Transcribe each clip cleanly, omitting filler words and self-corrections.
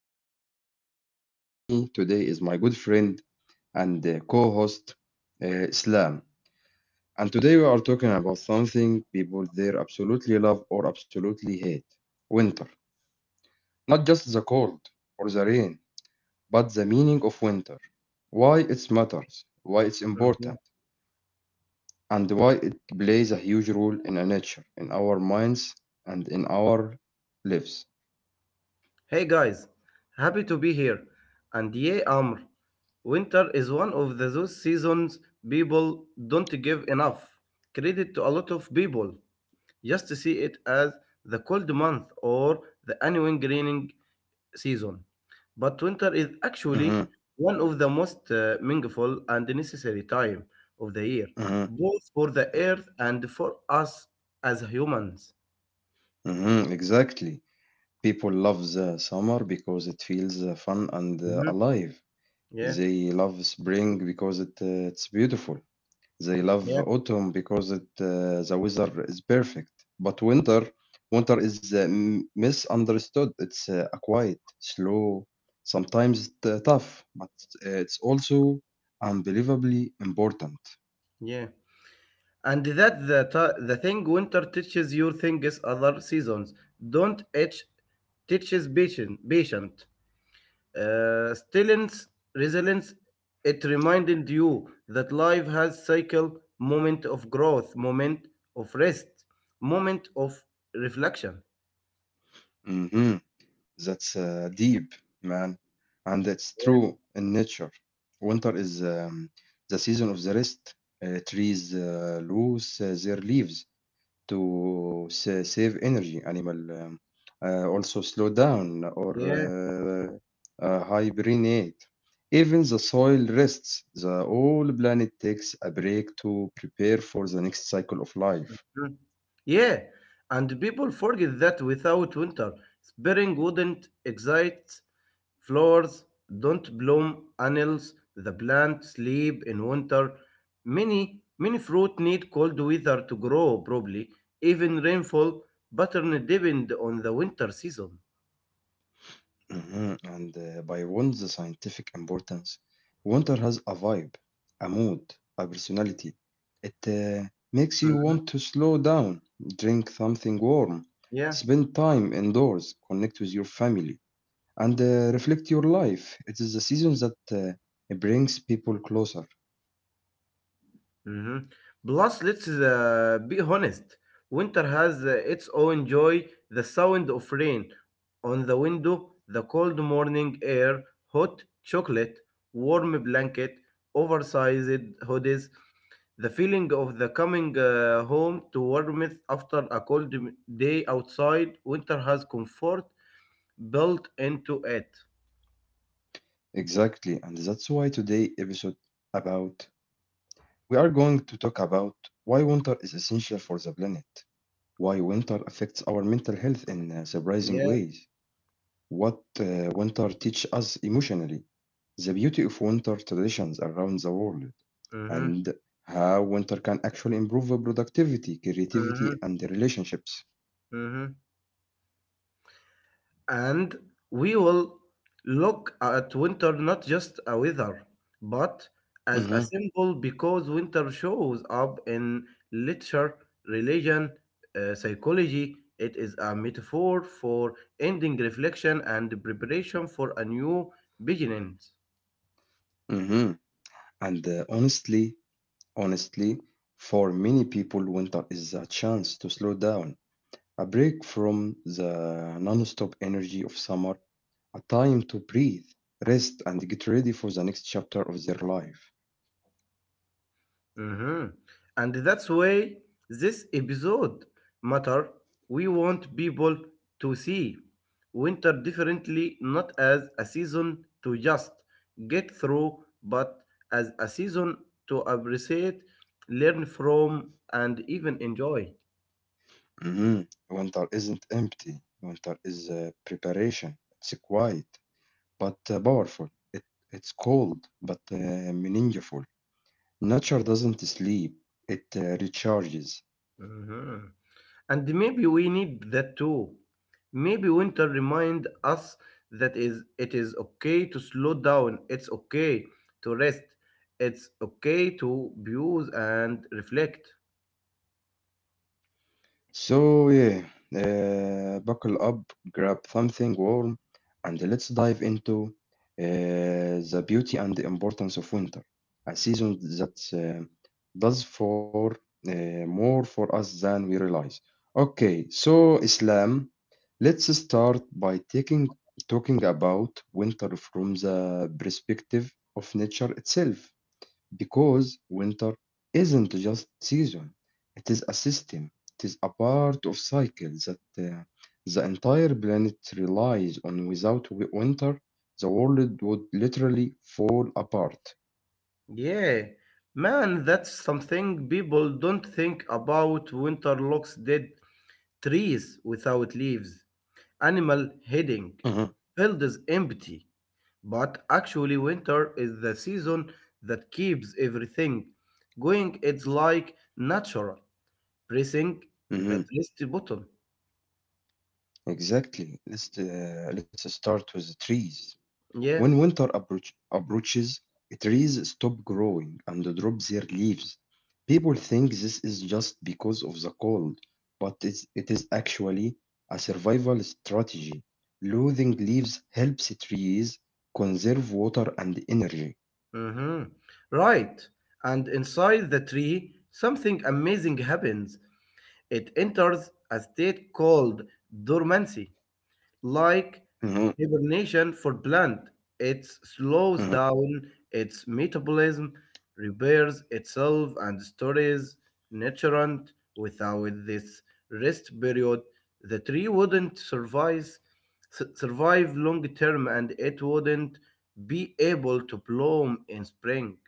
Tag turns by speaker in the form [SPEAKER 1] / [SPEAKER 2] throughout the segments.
[SPEAKER 1] am Amr, and with me today is my good friend and co-host Islam. And today we are talking about something people there absolutely love or absolutely hate: winter. Not just the cold or the rain, but the meaning of winter, why it matters, why it's
[SPEAKER 2] Mhm.
[SPEAKER 1] important, and why it plays a huge role in our nature, in our minds, and in our lives.
[SPEAKER 2] Hey guys, happy to be here. And yeah, Amr, winter is one of those seasons people don't give enough credit to a lot of people. Just to see it as the cold month or the annual greening season. But winter is actually
[SPEAKER 1] Mhm,
[SPEAKER 2] one of the most meaningful and necessary time of the year,
[SPEAKER 1] mhm,
[SPEAKER 2] both for the earth and for us as humans.
[SPEAKER 1] mhm, Exactly. People love the summer because it feels fun and
[SPEAKER 2] Mhm.
[SPEAKER 1] alive.
[SPEAKER 2] Yes.
[SPEAKER 1] They love spring because it's beautiful. They love
[SPEAKER 2] Yeah.
[SPEAKER 1] autumn because the weather is perfect. But winter is misunderstood. It's a quiet, slow, sometimes tough, but it's also unbelievably important.
[SPEAKER 2] Yeah. And the thing winter teaches you things other seasons don't, it teaches patient stillness, resilience. It reminded you that life has cycle, moment of growth, moment of rest, moment of reflection.
[SPEAKER 1] hmm That's deep, man. And it's
[SPEAKER 2] Yeah.
[SPEAKER 1] true in nature. Winter is the season of the rest. Trees lose their leaves to save energy. Animal um, also slow down or
[SPEAKER 2] Yeah.
[SPEAKER 1] uh, hibernate. Even the soil rests. The whole planet takes a break to prepare for the next cycle of life.
[SPEAKER 2] Mm. Yeah, and people forget that without winter, spring wouldn't excite flowers, don't bloom annals, the plant sleep in winter. Many fruit need cold weather to grow properly. Even rainfall pattern depend on the winter season.
[SPEAKER 1] Mhm, And by Wund's scientific importance, winter has a vibe, a mood, a personality. It makes you
[SPEAKER 2] Mhm.
[SPEAKER 1] want to slow down, drink something warm,
[SPEAKER 2] Yeah.
[SPEAKER 1] spend time indoors, connect with your family, and reflect your life. It is the season that brings people closer.
[SPEAKER 2] Mhm. Plus, let's be honest. Winter has its own joy. The sound of rain on the window, the cold morning air, hot chocolate, warm blanket, oversized hoodies, the feeling of the coming home to warmth after a day outside. Winter has comfort built into it.
[SPEAKER 1] Exactly, and that's why today episode about we are going to talk about why winter is essential for the planet. Why winter affects our mental health in surprising
[SPEAKER 2] Yeah.
[SPEAKER 1] ways, what winter teach us emotionally, the beauty of winter traditions around the world,
[SPEAKER 2] Mm-hmm.
[SPEAKER 1] and how winter can actually improve our productivity, creativity,
[SPEAKER 2] Mm-hmm.
[SPEAKER 1] and the relationships.
[SPEAKER 2] Mm-hmm. And we will look at winter not just a weather, but as
[SPEAKER 1] hmm
[SPEAKER 2] a symbol, because winter shows up in literature, religion, psychology. It is a metaphor for ending, reflection, and preparation for a new beginning.
[SPEAKER 1] hmm And honestly, for many people, winter is a chance to slow down, a break from the non-stop energy of summer, a time to breathe, rest, and get ready for the next chapter of their life.
[SPEAKER 2] Hmm. And that's why this episode matter. We want people to see winter differently, not as a season to just get through, but as a season to appreciate, learn from, and even enjoy.
[SPEAKER 1] Mhm. Winter isn't empty. Winter is preparation. It's quiet but powerful. It, it's cold but meaningful. Nature doesn't sleep. It recharges.
[SPEAKER 2] Mhm. And maybe we need that too. Maybe winter remind us that is okay to slow down, it's okay to rest, it's okay to pause and reflect.
[SPEAKER 1] So yeah, buckle up, grab something warm, and let's dive into the beauty and the importance of winter, a season that does for uh, more for us than we realize. Okay, so Islam, let's start by taking talking about winter from the perspective of nature itself. Because winter isn't just season, it is a system. It is a part of cycle that the entire planet relies on. Without winter, the world would literally fall apart.
[SPEAKER 2] Yeah. Man, that's something people don't think about. Winter looks dead, trees without leaves, animal
[SPEAKER 1] Mhm,
[SPEAKER 2] heading, fields empty. But actually, winter is the season that keeps everything going. It's like natural pressing the
[SPEAKER 1] mhm,
[SPEAKER 2] rest button.
[SPEAKER 1] Exactly. Let's start with the trees.
[SPEAKER 2] Yeah.
[SPEAKER 1] When winter approaches, trees stop growing and drop their leaves. People think this is just because of the cold, but it is actually a survival strategy. Losing leaves helps trees conserve water and energy.
[SPEAKER 2] Hmm. Right. And inside the tree, something amazing happens. It enters a state called dormancy, like
[SPEAKER 1] Mhm,
[SPEAKER 2] hibernation for plant. It slows
[SPEAKER 1] mhm.
[SPEAKER 2] down its metabolism, repairs itself, and stores nutrient. Without this rest period, the tree wouldn't survive long term, and it wouldn't be able to bloom in spring.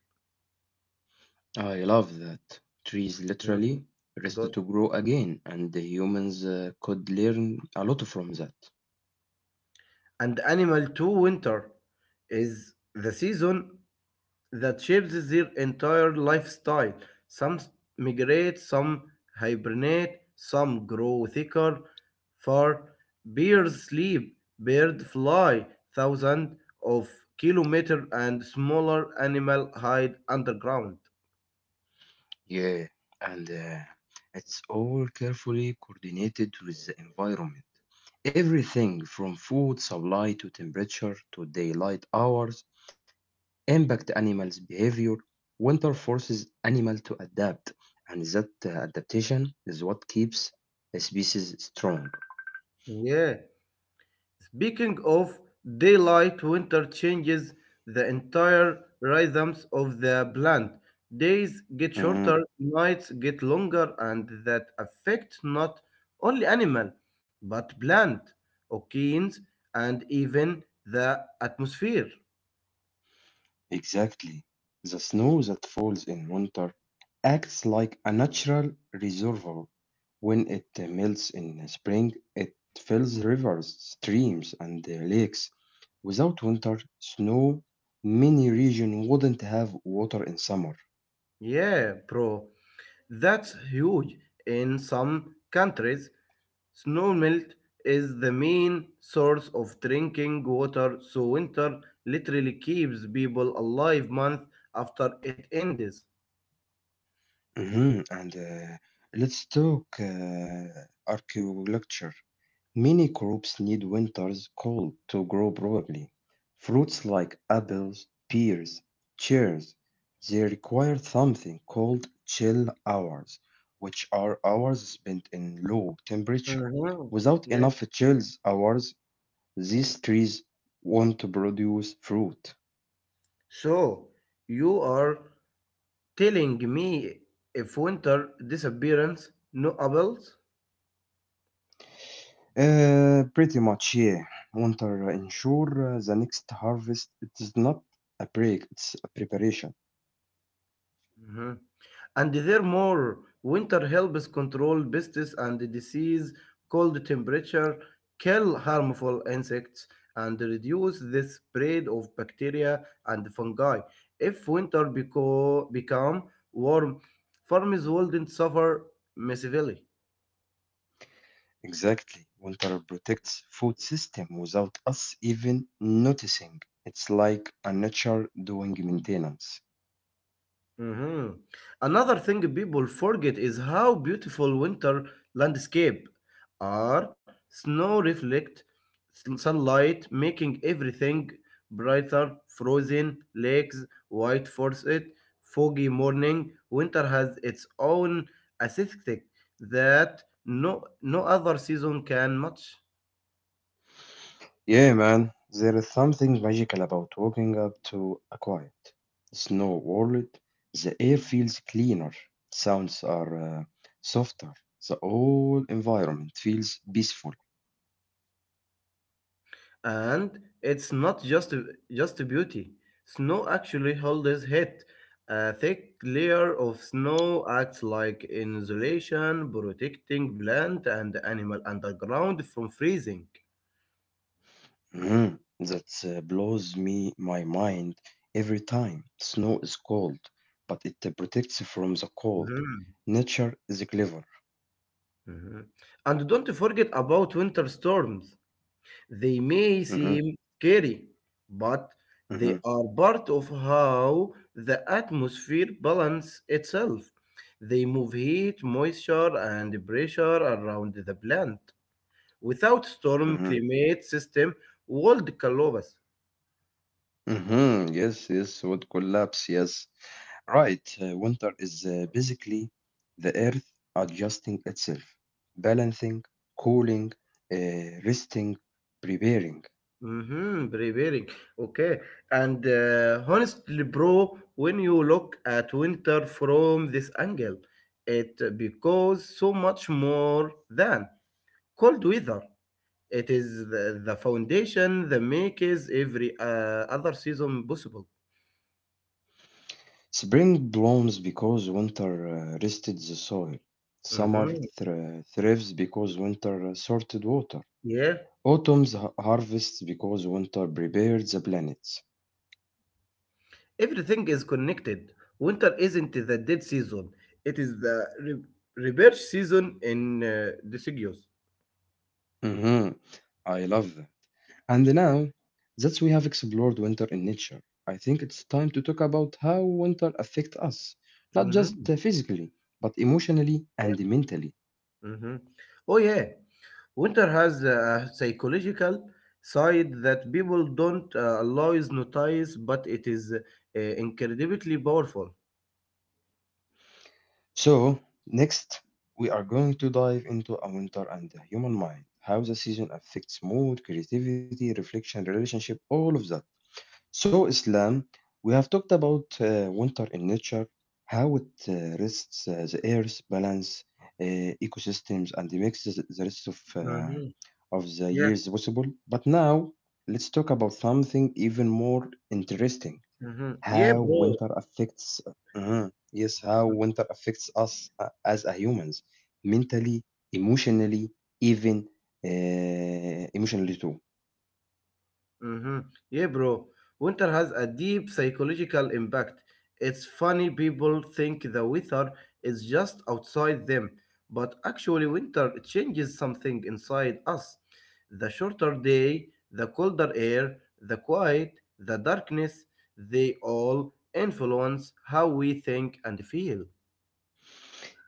[SPEAKER 1] I love that. Trees
[SPEAKER 2] Mhm.
[SPEAKER 1] literally rest
[SPEAKER 2] Good.
[SPEAKER 1] to grow again, and the humans could learn a lot from that.
[SPEAKER 2] And animal to winter is the season that shapes their entire lifestyle. Some migrate, some hibernate, some grow thicker. For bears sleep, bird fly thousands of kilometers, and smaller animal hide underground.
[SPEAKER 1] Yeah, and it's all carefully coordinated with the environment. Everything from food supply to temperature to daylight hours impact animals' behavior. Winter forces animal to adapt, and that adaptation is what keeps a species strong.
[SPEAKER 2] Yeah, speaking of, daylight winter changes the entire rhythms of the plant. Days get shorter, nights get longer, and that affect not only animal but plant, oceans, and even the atmosphere.
[SPEAKER 1] Exactly. The snow that falls in winter acts like a natural reservoir. When it melts in spring, it fills rivers, streams, and lakes. Without winter snow, many regions wouldn't have water in summer.
[SPEAKER 2] Yeah, bro, that's huge in some countries. Snow melt is the main source of drinking water, so winter literally keeps people alive month after it ends.
[SPEAKER 1] Mhm, And let's talk archaeology. Many crops need winters cold to grow properly. Fruits like apples, pears, cherries, they require something called chill hours, which are hours spent in low temperature.
[SPEAKER 2] Mhm.
[SPEAKER 1] Without
[SPEAKER 2] Yeah.
[SPEAKER 1] enough chill hours, these trees won't produce fruit.
[SPEAKER 2] So you are telling me if winter disappearance, no apples?
[SPEAKER 1] Pretty much, yeah. Winter ensure the next harvest. It is not a break, it's a preparation.
[SPEAKER 2] Mhm. And therefore, winter helps control pests and disease. Cold temperature kill harmful insects and reduce the spread of bacteria and fungi. If become warm, farmers wouldn't suffer massively.
[SPEAKER 1] Exactly. Winter protects food system without us even noticing. It's like a nature doing maintenance.
[SPEAKER 2] Mhm. Another thing people forget is how beautiful winter landscape are. Snow reflect sunlight, making everything brighter. Frozen lakes, white forest, foggy morning. Winter has its own aesthetic that no other season can match.
[SPEAKER 1] Yeah, man. There is something magical about waking up to a quiet, snow world. The air feels cleaner. Sounds are softer. The whole environment feels peaceful.
[SPEAKER 2] And it's not just beauty. Snow actually holds heat. A thick layer of snow acts like insulation, protecting plant and animal underground from freezing.
[SPEAKER 1] Mhm. That blows me my mind every time. Snow is cold, but it protects from the cold.
[SPEAKER 2] Mhm.
[SPEAKER 1] Nature is clever.
[SPEAKER 2] Mhm. And don't forget about winter storms. They may
[SPEAKER 1] hmm
[SPEAKER 2] seem scary, but they
[SPEAKER 1] hmm
[SPEAKER 2] are part of how the atmosphere balances itself. They move heat, moisture, and pressure around the plant. Without storm
[SPEAKER 1] hmm
[SPEAKER 2] climate system, world collapse.
[SPEAKER 1] Yes, yes, would collapse. Yes, right. Winter is basically the earth adjusting itself, balancing, cooling, resting, preparing.
[SPEAKER 2] Mm-hmm, preparing. Okay. And honestly, bro, when you look at winter from this angle, it becomes so much more than cold weather. It is the foundation that makes every other season possible.
[SPEAKER 1] Spring blooms because winter rested the soil. Summer
[SPEAKER 2] Mhm.
[SPEAKER 1] thrives because winter sorted water.
[SPEAKER 2] Yeah,
[SPEAKER 1] Autumn harvests because winter prepared the planets.
[SPEAKER 2] everything is connected. Winter isn't the dead season; it is the rebirth season in deciduous.
[SPEAKER 1] hmm I love that. And now that we have explored winter in nature, I think it's time to talk about how winter affects us, not just
[SPEAKER 2] Mhm.
[SPEAKER 1] physically, but emotionally and mentally.
[SPEAKER 2] Hmm. Oh yeah, winter has a psychological side that people don't always notice, but it is incredibly powerful.
[SPEAKER 1] So, next, we are going to dive into A Winter and the Human Mind, how the season affects mood, creativity, reflection, relationship, all of that. So, Islam, we have talked about winter in nature, how it rests the earth, balance ecosystems, and makes the rest of
[SPEAKER 2] Mhm.
[SPEAKER 1] of the
[SPEAKER 2] Yeah.
[SPEAKER 1] years possible. But now, let's talk about something even more interesting,
[SPEAKER 2] Mhm. Yeah,
[SPEAKER 1] how
[SPEAKER 2] bro.
[SPEAKER 1] winter affects Mhm. Yes, how winter affects us as a humans mentally, emotionally, even emotionally too.
[SPEAKER 2] Mhm. Yeah, bro. Winter has a deep psychological impact. It's funny people think the weather is just outside them, but actually winter changes something inside us. The shorter day, the colder air, the quiet, the darkness, they all influence how we think and feel.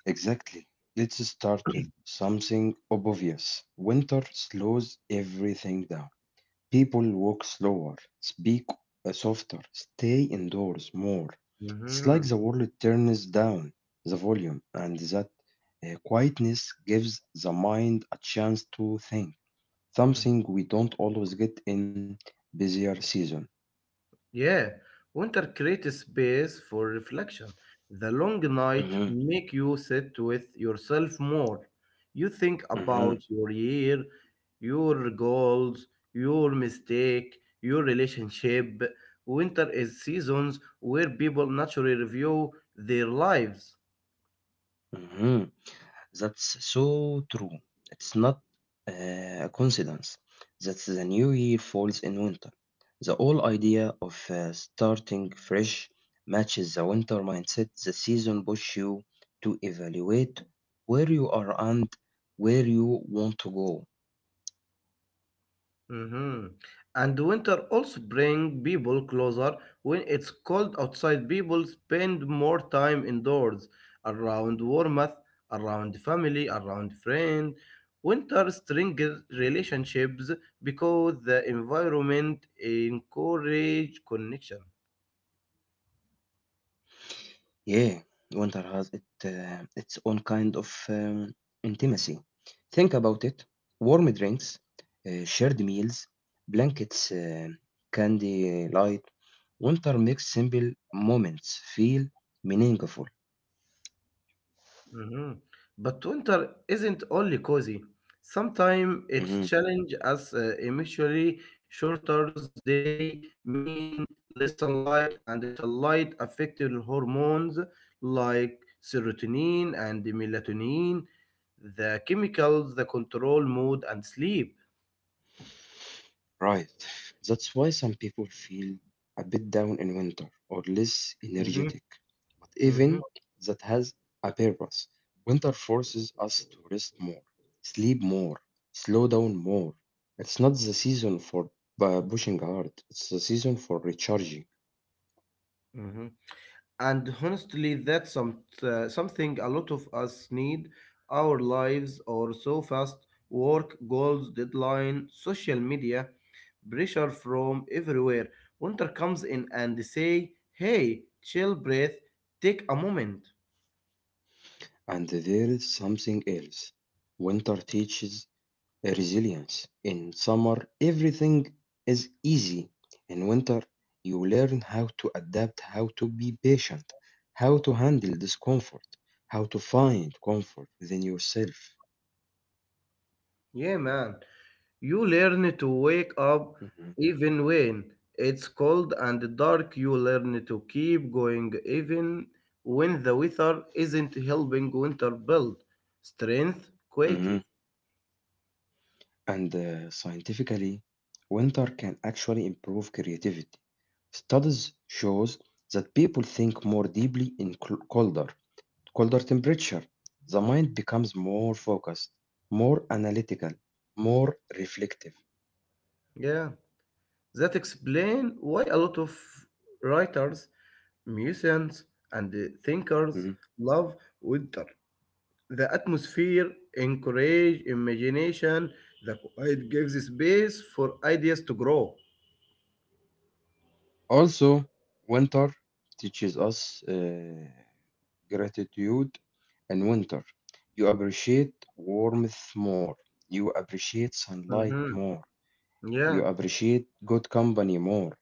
[SPEAKER 1] Exactly. Let's start with something obvious: winter slows everything down. People walk slower, speak softer, stay indoors more. It's like
[SPEAKER 2] Mhm.
[SPEAKER 1] the world turns down the volume, and that quietness gives the mind a chance to think. Something we don't always get in busier season.
[SPEAKER 2] Yeah, winter creates space for reflection. The long night
[SPEAKER 1] Mm-hmm,
[SPEAKER 2] make you sit with yourself more. You think about
[SPEAKER 1] mm-hmm,
[SPEAKER 2] your year, your goals, your mistake, your relationship. Winter is seasons where people naturally review their lives.
[SPEAKER 1] mm-hmm. That's so true. It's not a coincidence that the new year falls in winter. The whole idea of starting fresh matches the winter mindset. The season pushes you to evaluate where you are and where you want to go.
[SPEAKER 2] Mm-hmm. And winter also bring people closer. When it's cold outside, people spend more time indoors, around warmth, around family, around friends. Winter strengthens relationships because the environment encourage connection.
[SPEAKER 1] Yeah, winter has its own kind of intimacy. Think about it: warm drinks, shared meals, blankets, candy light. Winter makes simple moments feel meaningful.
[SPEAKER 2] Mhm. But winter isn't only cozy. Sometimes it
[SPEAKER 1] Mm-hmm.
[SPEAKER 2] challenges us emotionally. Shorter day mean less sunlight, and the sunlight affected hormones like serotonin and melatonin, the chemicals that control mood and sleep.
[SPEAKER 1] Right. That's why some people feel a bit down in winter or less
[SPEAKER 2] Mhm.
[SPEAKER 1] energetic. But
[SPEAKER 2] Mhm.
[SPEAKER 1] even that has a purpose. Winter forces us to rest more, sleep more, slow down more. It's not the season for pushing hard, it's the season for recharging.
[SPEAKER 2] Mhm. And honestly, that's something a lot of us need. Our lives are so fast, work, goals, deadline, social media, pressure from everywhere. Winter comes in and they say, hey, chill, breath, take a moment.
[SPEAKER 1] And there is something else. Winter teaches resilience. In summer, everything is easy. In winter, you learn how to adapt, how to be patient, how to handle discomfort, how to find comfort within yourself.
[SPEAKER 2] Yeah, man. You learn to wake up
[SPEAKER 1] Mhm,
[SPEAKER 2] even when it's cold and dark. You learn to keep going even when the weather isn't helping. Winter build strength
[SPEAKER 1] mhm.
[SPEAKER 2] quietly.
[SPEAKER 1] And scientifically, winter can actually improve creativity. Studies shows that people think more deeply in colder temperature, the mind becomes more focused, more analytical, more reflective.
[SPEAKER 2] Yeah, that explain why a lot of writers, musicians, and thinkers
[SPEAKER 1] Mhm.
[SPEAKER 2] love winter. The atmosphere encourage imagination. The quiet gives space for ideas to grow.
[SPEAKER 1] Also, winter teaches us uh, gratitude in winter. You appreciate warmth more. You appreciate sunlight
[SPEAKER 2] Mhm.
[SPEAKER 1] more. You
[SPEAKER 2] Yeah.
[SPEAKER 1] appreciate good company more.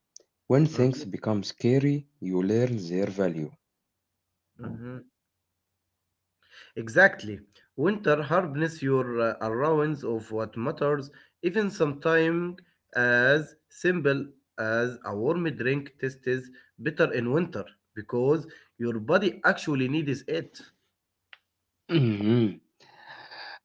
[SPEAKER 1] When things
[SPEAKER 2] Mm-hmm.
[SPEAKER 1] become scary, you learn their value.
[SPEAKER 2] Mhm. Exactly. Winter hardens your allowance of what matters, even sometimes as simple as a warm drink tastes better in winter because your body actually needs it.
[SPEAKER 1] Mhm.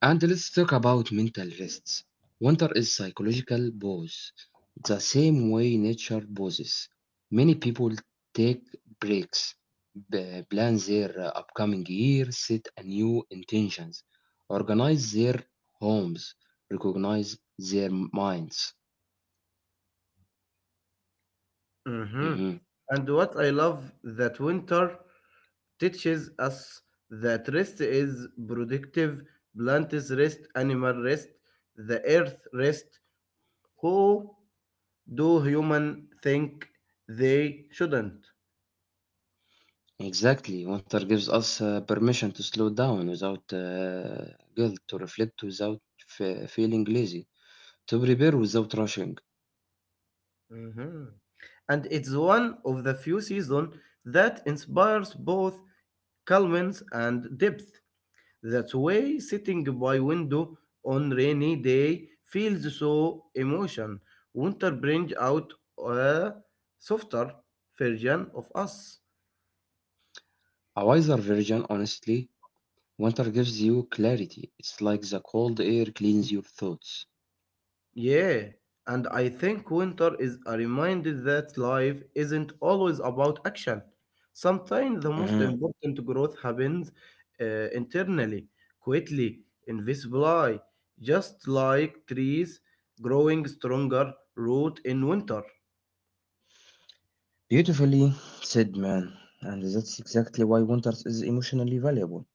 [SPEAKER 1] And let's talk about mental rest. Winter is psychological pause, the same way nature pauses. Many people take breaks, plan their upcoming year, set a new intentions, organize their homes, recognize their minds.
[SPEAKER 2] Mhm.
[SPEAKER 1] Mhm.
[SPEAKER 2] And what I love that winter teaches us that rest is productive, plants rest, animal rest, the earth rest. Do human think they shouldn't.
[SPEAKER 1] Exactly. Winter gives us permission to slow down without guilt, to reflect without feeling lazy, to prepare without rushing.
[SPEAKER 2] Mhm. And it's one of the few seasons that inspires both calmness and depth. That's why sitting by window on rainy day feels so emotion. Winter brings out a softer version of us.
[SPEAKER 1] A wiser version, honestly. Winter gives you clarity. It's like the cold air cleans your thoughts.
[SPEAKER 2] Yeah, and I think winter is a reminder that life isn't always about action. Sometimes the most
[SPEAKER 1] Mhm.
[SPEAKER 2] important growth happens internally, quietly, invisibly, just like trees growing stronger root in winter.
[SPEAKER 1] Beautifully said, man. And that's exactly why winter is emotionally valuable.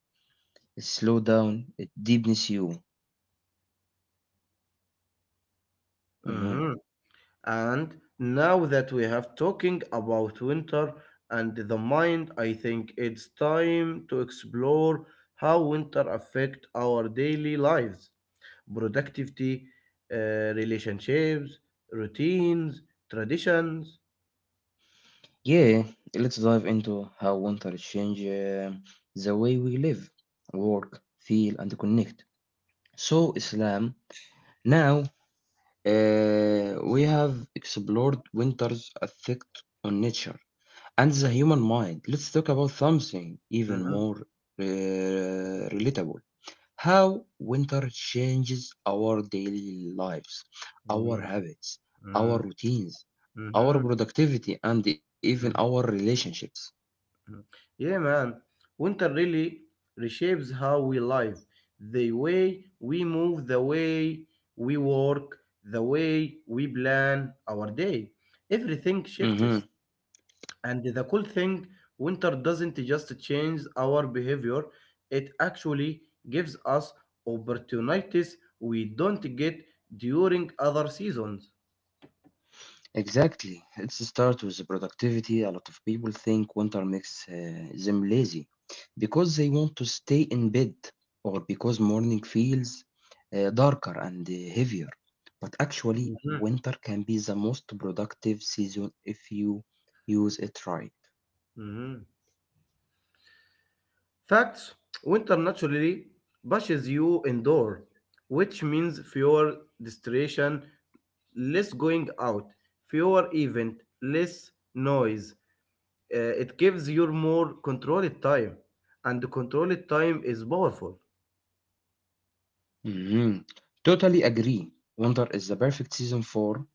[SPEAKER 1] It slows down, it deepens you. Mhm.
[SPEAKER 2] Mm-hmm. And now that we have talking about winter and the mind, I think it's time to explore how winter affect our daily lives, productivity, relationships, routines, traditions.
[SPEAKER 1] Yeah, let's dive into how winter changes the way we live, work, feel, and connect. So, Islam, now we have explored winter's effect on nature and the human mind. Let's talk about something even
[SPEAKER 2] Mhm.
[SPEAKER 1] more uh, relatable. How winter changes our daily lives, our
[SPEAKER 2] Mm,
[SPEAKER 1] habits, our
[SPEAKER 2] mm,
[SPEAKER 1] routines, our
[SPEAKER 2] mhm,
[SPEAKER 1] productivity, and even our
[SPEAKER 2] mhm.
[SPEAKER 1] relationships.
[SPEAKER 2] Yeah, man. Winter really reshapes how we live, the way we move, the way we work, the way we plan our day. Everything
[SPEAKER 1] Mhm.
[SPEAKER 2] shifts. And the cool thing, winter doesn't just change our behavior, it actually gives us opportunities we don't get during other seasons.
[SPEAKER 1] Exactly. Let's start with the productivity. A lot of people think winter makes them lazy because they want to stay in bed or because morning feels darker and heavier. But actually,
[SPEAKER 2] Mhm.
[SPEAKER 1] winter can be the most productive season if you use it right.
[SPEAKER 2] Mhm. Facts, winter naturally pushes you indoor, which means fewer distraction, less going out, fewer event, less noise. It gives you more controlled time, and the controlled time is powerful.
[SPEAKER 1] Mhm. Totally agree. Wonder is the perfect season for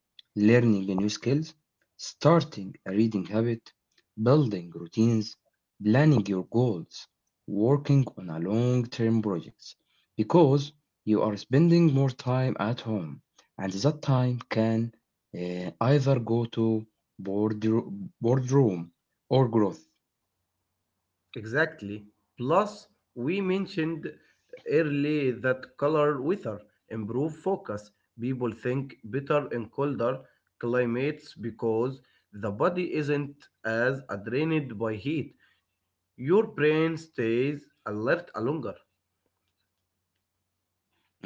[SPEAKER 1] learning new skills, starting a reading habit, building routines, planning your goals, working on a long-term projects because you are spending more time at home and that time can either go to board boardroom or growth.
[SPEAKER 2] Exactly. Plus, we mentioned early that color weather improve focus. People think better in colder climates because the body isn't as drained by heat. Your brain stays alert longer.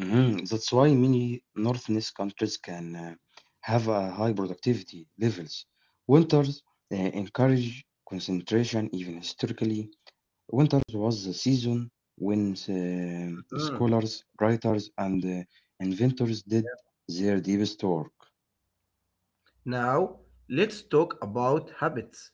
[SPEAKER 1] Mhm. That's why many northerness countries can have a high productivity levels. Winters uh, encourage concentration, even historically. Winters was the season when
[SPEAKER 2] Mm.
[SPEAKER 1] scholars, writers, and inventors did their deepest work.
[SPEAKER 2] Now, let's talk about habits.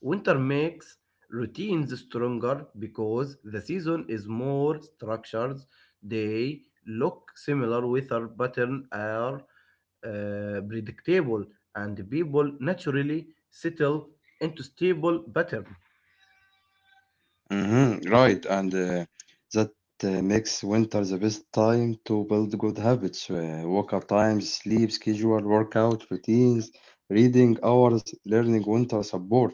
[SPEAKER 2] Winter makes routines stronger because the season is more structured. They look similar, weather patterns are predictable, and people naturally settle into stable pattern.
[SPEAKER 1] Mhm, Right, and that makes winter the best time to build good habits. Wake up times, sleep schedule, workout routines, reading hours, learning winter support.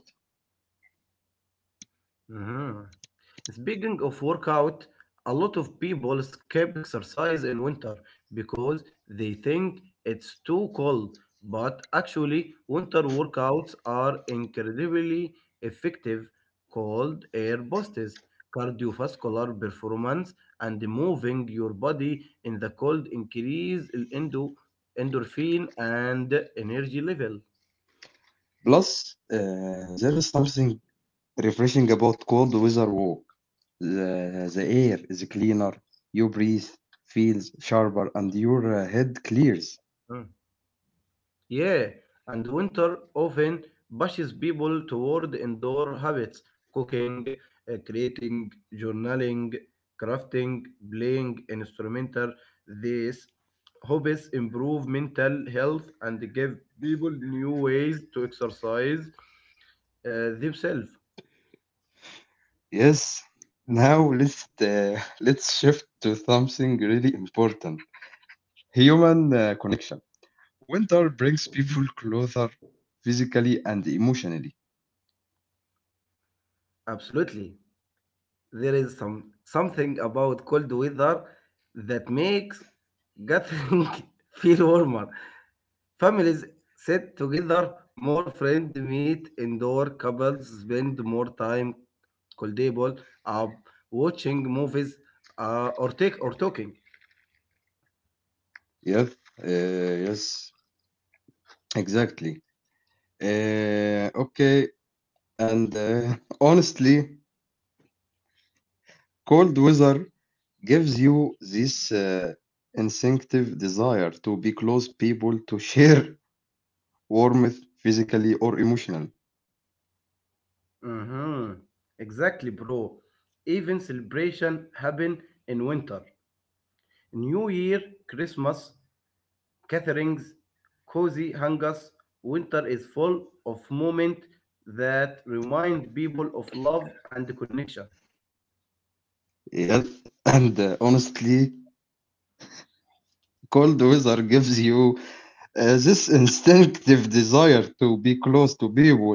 [SPEAKER 2] Mhm. Speaking of workout, a lot of people skip exercise in winter because they think it's too cold, but actually, winter workouts are incredibly effective. Cold air boosts cardiovascular performance, and moving your body in the cold increase endorphin and energy level.
[SPEAKER 1] Plus, there is something refreshing about cold weather walk. The air is cleaner, you breathe, feels sharper, and your head clears.
[SPEAKER 2] Hmm. Yeah, and the winter often pushes people toward indoor habits, cooking, creating, journaling, crafting, playing instrumental. These hobbies improve mental health and give people new ways to exercise themselves.
[SPEAKER 1] Yes, now let's let's shift to something really important: human connection. Winter brings people closer physically and emotionally.
[SPEAKER 2] Absolutely. There is something about cold weather that makes gathering feel warmer. Families sit together more, friends meet indoor, couples spend more time coldable, uh, watching movies or talking.
[SPEAKER 1] Yes, yes, exactly. Uh, okay, and honestly, cold weather gives you this instinctive desire to be close people, to share warmth physically or emotionally.
[SPEAKER 2] Mhm. Exactly, bro. Even celebration happen in winter. New Year, Christmas, gatherings, cozy hangers. Winter is full of moments that remind people of love and connection.
[SPEAKER 1] Yes, and honestly, cold weather gives you this instinctive desire to be close to people,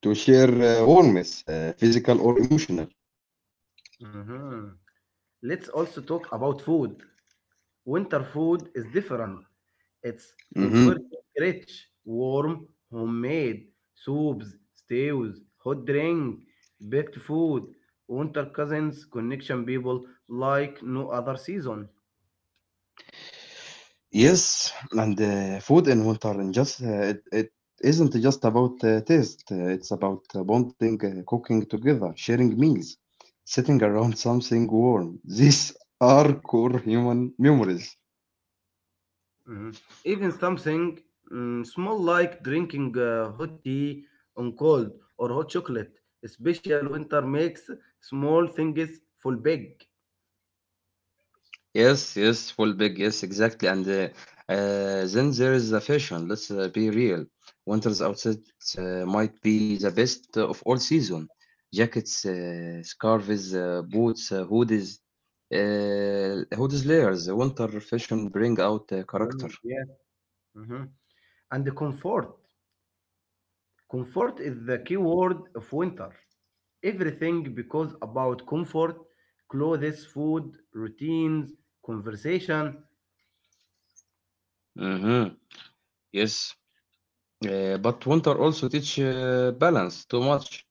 [SPEAKER 1] to share warmth, physical or emotional.
[SPEAKER 2] Mhm. Let's also talk about food. Winter food is different. It's
[SPEAKER 1] hmm
[SPEAKER 2] comforting, rich, warm, homemade soups, stews, hot drink, baked food. Winter cousins connection people like no other season.
[SPEAKER 1] Yes, and food in winter and just it isn't just about taste. It's about bonding, cooking together, sharing meals, sitting around something warm. These are core human memories.
[SPEAKER 2] Mhm. Even something mm, small like drinking hot tea on cold or hot chocolate. Special winter makes small things full big.
[SPEAKER 1] Yes, yes, full big, yes, exactly. And then there is the fashion. Let's be real. Winter's outfit might be the best of all season. Jackets, scarves, boots, hoodies, layers. Winter fashion bring out character.
[SPEAKER 2] Mhm. Yeah. Mhm. And the comfort. Comfort is the key word of winter. Everything becomes about comfort, clothes, food, routines, conversation.
[SPEAKER 1] Mm-hmm. Yes, but winter also teach balance. Too much,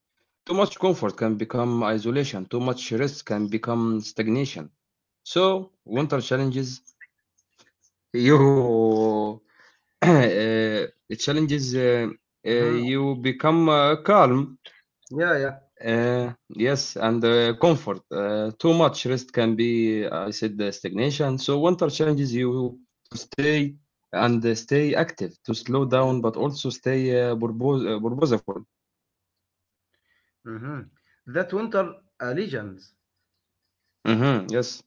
[SPEAKER 1] too much comfort can become isolation. Too much rest can become stagnation. So, winter challenges you uh, challenges. Uh, uh,
[SPEAKER 2] Mhm.
[SPEAKER 1] you become calm.
[SPEAKER 2] Yeah, yeah.
[SPEAKER 1] Yes, and comfort. Too much rest can be, I said, stagnation. So winter challenges you to stay and stay active, to slow down, but also stay purposeful.
[SPEAKER 2] Mhm. That winter allegiance.
[SPEAKER 1] Mhm. Yes.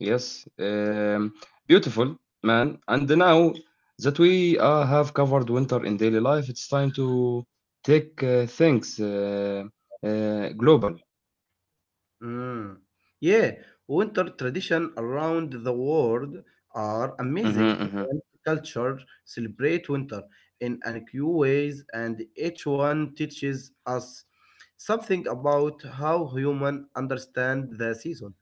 [SPEAKER 1] Yes, beautiful man. And now that we have covered winter in daily life, it's time to take things global.
[SPEAKER 2] Mm. Yeah, winter tradition around the world are amazing.
[SPEAKER 1] Mhm, mhm.
[SPEAKER 2] Different cultures celebrate winter in unique ways, and each one teaches us something about how human understand the season.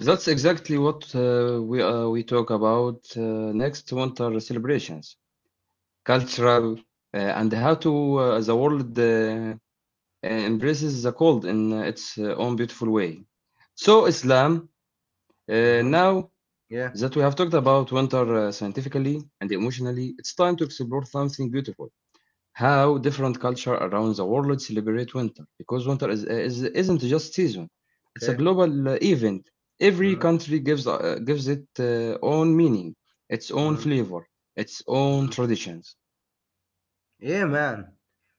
[SPEAKER 1] That's exactly what we talk about next winter celebrations, cultural, and how to the world embraces the cold in its own beautiful way. So Islam,
[SPEAKER 2] Mhm.
[SPEAKER 1] now
[SPEAKER 2] Yeah.
[SPEAKER 1] that we have talked about winter scientifically and emotionally, it's time to explore something beautiful. How different culture around the world celebrate winter. Because winter isn't just season, it's a
[SPEAKER 2] Okay.
[SPEAKER 1] global event. Every
[SPEAKER 2] Mhm.
[SPEAKER 1] country gives, gives it own meaning, its own
[SPEAKER 2] Mhm.
[SPEAKER 1] flavor, its own
[SPEAKER 2] Mhm.
[SPEAKER 1] traditions.
[SPEAKER 2] Yeah, man.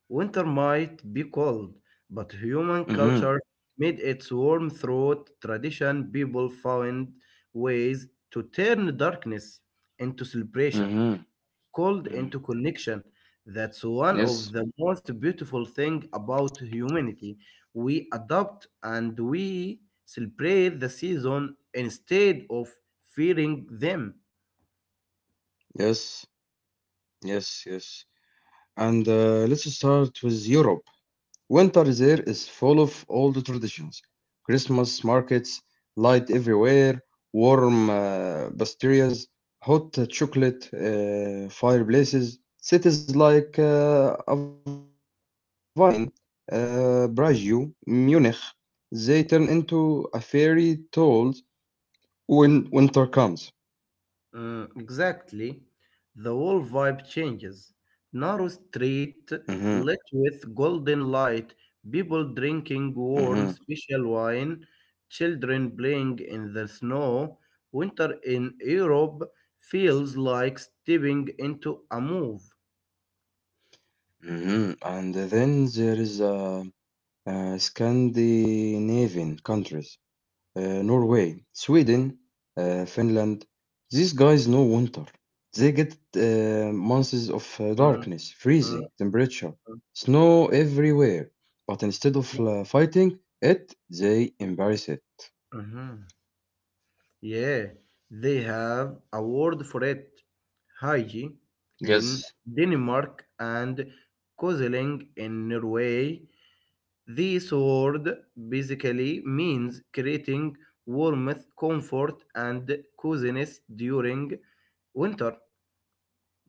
[SPEAKER 2] Winter might be cold, but human
[SPEAKER 1] Mm-hmm,
[SPEAKER 2] culture made its warm throat tradition. People found ways to turn darkness into celebration,
[SPEAKER 1] mm-hmm,
[SPEAKER 2] called
[SPEAKER 1] mm.
[SPEAKER 2] into connection. That's one of
[SPEAKER 1] Yes,
[SPEAKER 2] the most beautiful thing about humanity. We adapt and we celebrate the season instead of fearing them.
[SPEAKER 1] Yes, yes. And let's start with Europe. Winter there is full of old traditions: Christmas markets, light everywhere, warm pastries, hot chocolate, fireplaces. Cities like Avine, Braju, Munich, they turn into a fairy tale when winter comes.
[SPEAKER 2] Mm, exactly. The whole vibe changes. Narrow street
[SPEAKER 1] Hmm.
[SPEAKER 2] lit with golden light, people drinking
[SPEAKER 1] hmm
[SPEAKER 2] warm special wine, children playing in the snow. Winter in Europe feels like stepping into a move.
[SPEAKER 1] And then there is Scandinavian countries, Norway, Sweden, Finland. These guys know winter. They get months of
[SPEAKER 2] Mm,
[SPEAKER 1] darkness,
[SPEAKER 2] mm,
[SPEAKER 1] freezing temperature, snow everywhere. But instead of
[SPEAKER 2] mm,
[SPEAKER 1] fighting it, they embrace it.
[SPEAKER 2] mhm. Yeah, they have a word for it. Hygie in
[SPEAKER 1] Yes,
[SPEAKER 2] Denmark and Kozeling in Norway. This word basically means creating warmth, comfort, and coziness during winter.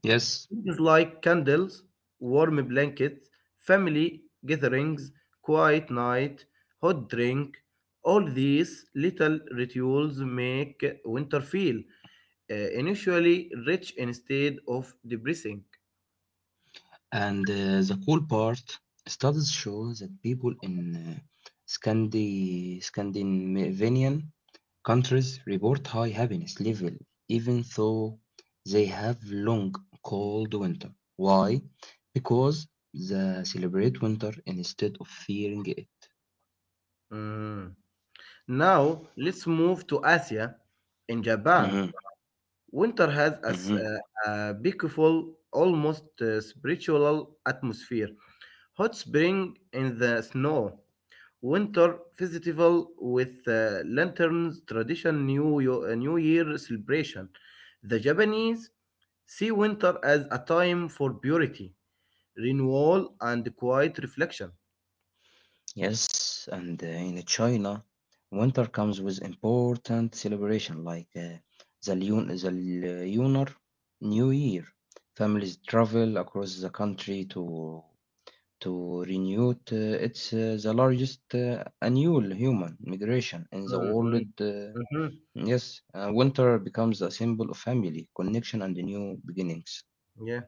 [SPEAKER 1] yes.
[SPEAKER 2] Things like candles, warm blankets, family gatherings, quiet night, hot drink. All these little rituals make winter feel initially rich instead of depressing.
[SPEAKER 1] And the cool part, studies show that people in Scandinavian countries report high happiness level even though they have long cold winter. Why? Because they celebrate winter instead of fearing it.
[SPEAKER 2] Mm. Now let's move to Asia. In Japan,
[SPEAKER 1] Mhm,
[SPEAKER 2] winter has
[SPEAKER 1] mhm.
[SPEAKER 2] a beautiful, almost spiritual atmosphere. Hot spring in the snow, winter festival with lanterns, tradition, New Year celebration. The Japanese see winter as a time for purity, renewal, and quiet reflection.
[SPEAKER 1] Yes, and in China, winter comes with important celebration like the Lunar New Year. Families travel across the country to renew it. It's the largest annual human migration in the
[SPEAKER 2] Mm, mm,
[SPEAKER 1] world.
[SPEAKER 2] mhm.
[SPEAKER 1] Yes, winter becomes a symbol of family, connection, and new beginnings.
[SPEAKER 2] Yeah.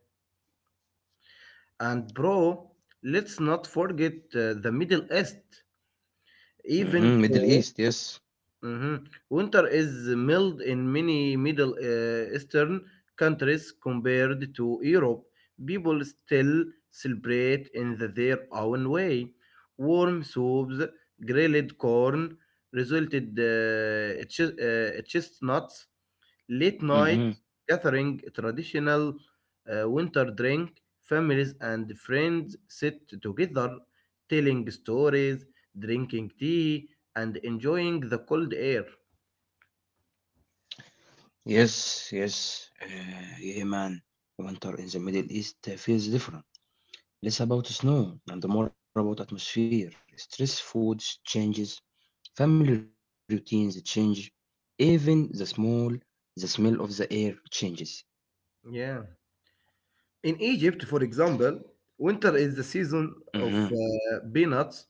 [SPEAKER 2] And bro, let's not forget the Middle East. Even
[SPEAKER 1] Hmm. Middle
[SPEAKER 2] though
[SPEAKER 1] East, yes.
[SPEAKER 2] Mhm. Winter is mild in many Middle Eastern countries compared to Europe. People still celebrate in their own way. Warm soups, grilled corn, resulted chestnuts, late
[SPEAKER 1] Mm-hmm.
[SPEAKER 2] night gathering, traditional winter drink, families and friends sit together, telling stories, drinking tea, and enjoying the cold air.
[SPEAKER 1] Yes, yes, yeah, man. Winter in the Middle East feels different. Less about snow and more about atmosphere, stress, food changes, family routines change, even the small, the smell of the air changes.
[SPEAKER 2] Yeah. In Egypt, for example, winter is the
[SPEAKER 1] Mm-hmm,
[SPEAKER 2] season of peanuts,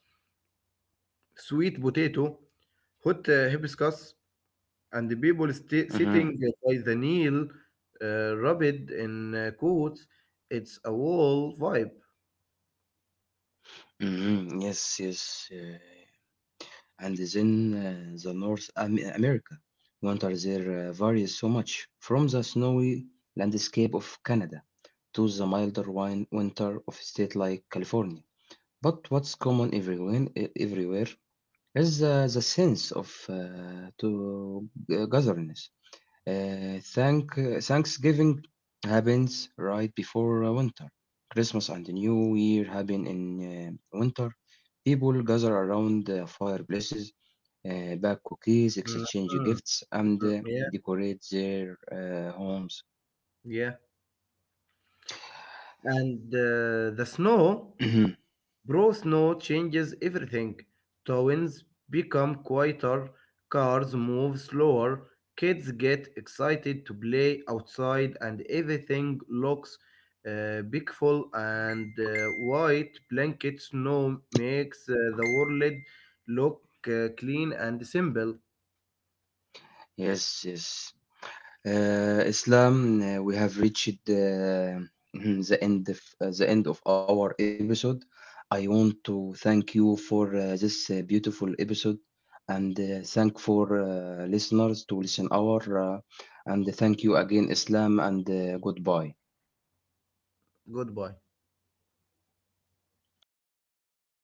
[SPEAKER 2] sweet potato, hot hibiscus, and the people
[SPEAKER 1] mm-hmm,
[SPEAKER 2] sitting by the Nile, rubbed in coats. It's a wall vibe.
[SPEAKER 1] mm-hmm. Yes, yes. And then the North America. Winters there varies so much from the snowy landscape of Canada to the milder winter of a state like California. But what's common everywhere is the sense of togetherness. Thanksgiving happens right before winter. Christmas and the New Year happen in winter. People gather around fireplaces, bake cookies,
[SPEAKER 2] Mhm.
[SPEAKER 1] exchange gifts, and
[SPEAKER 2] Mm. Yeah,
[SPEAKER 1] decorate their homes.
[SPEAKER 2] yeah. And the snow. Bro, snow changes everything. Towns become quieter, cars move slower, kids get excited to play outside, and everything looks beautiful and white. Blanket snow makes the world look clean and simple.
[SPEAKER 1] Yes, yes. Islam, we have reached the end of our episode. I want to thank you for this beautiful episode, and thank for listeners to listen our, and thank you again, Islam, and goodbye.
[SPEAKER 2] Goodbye.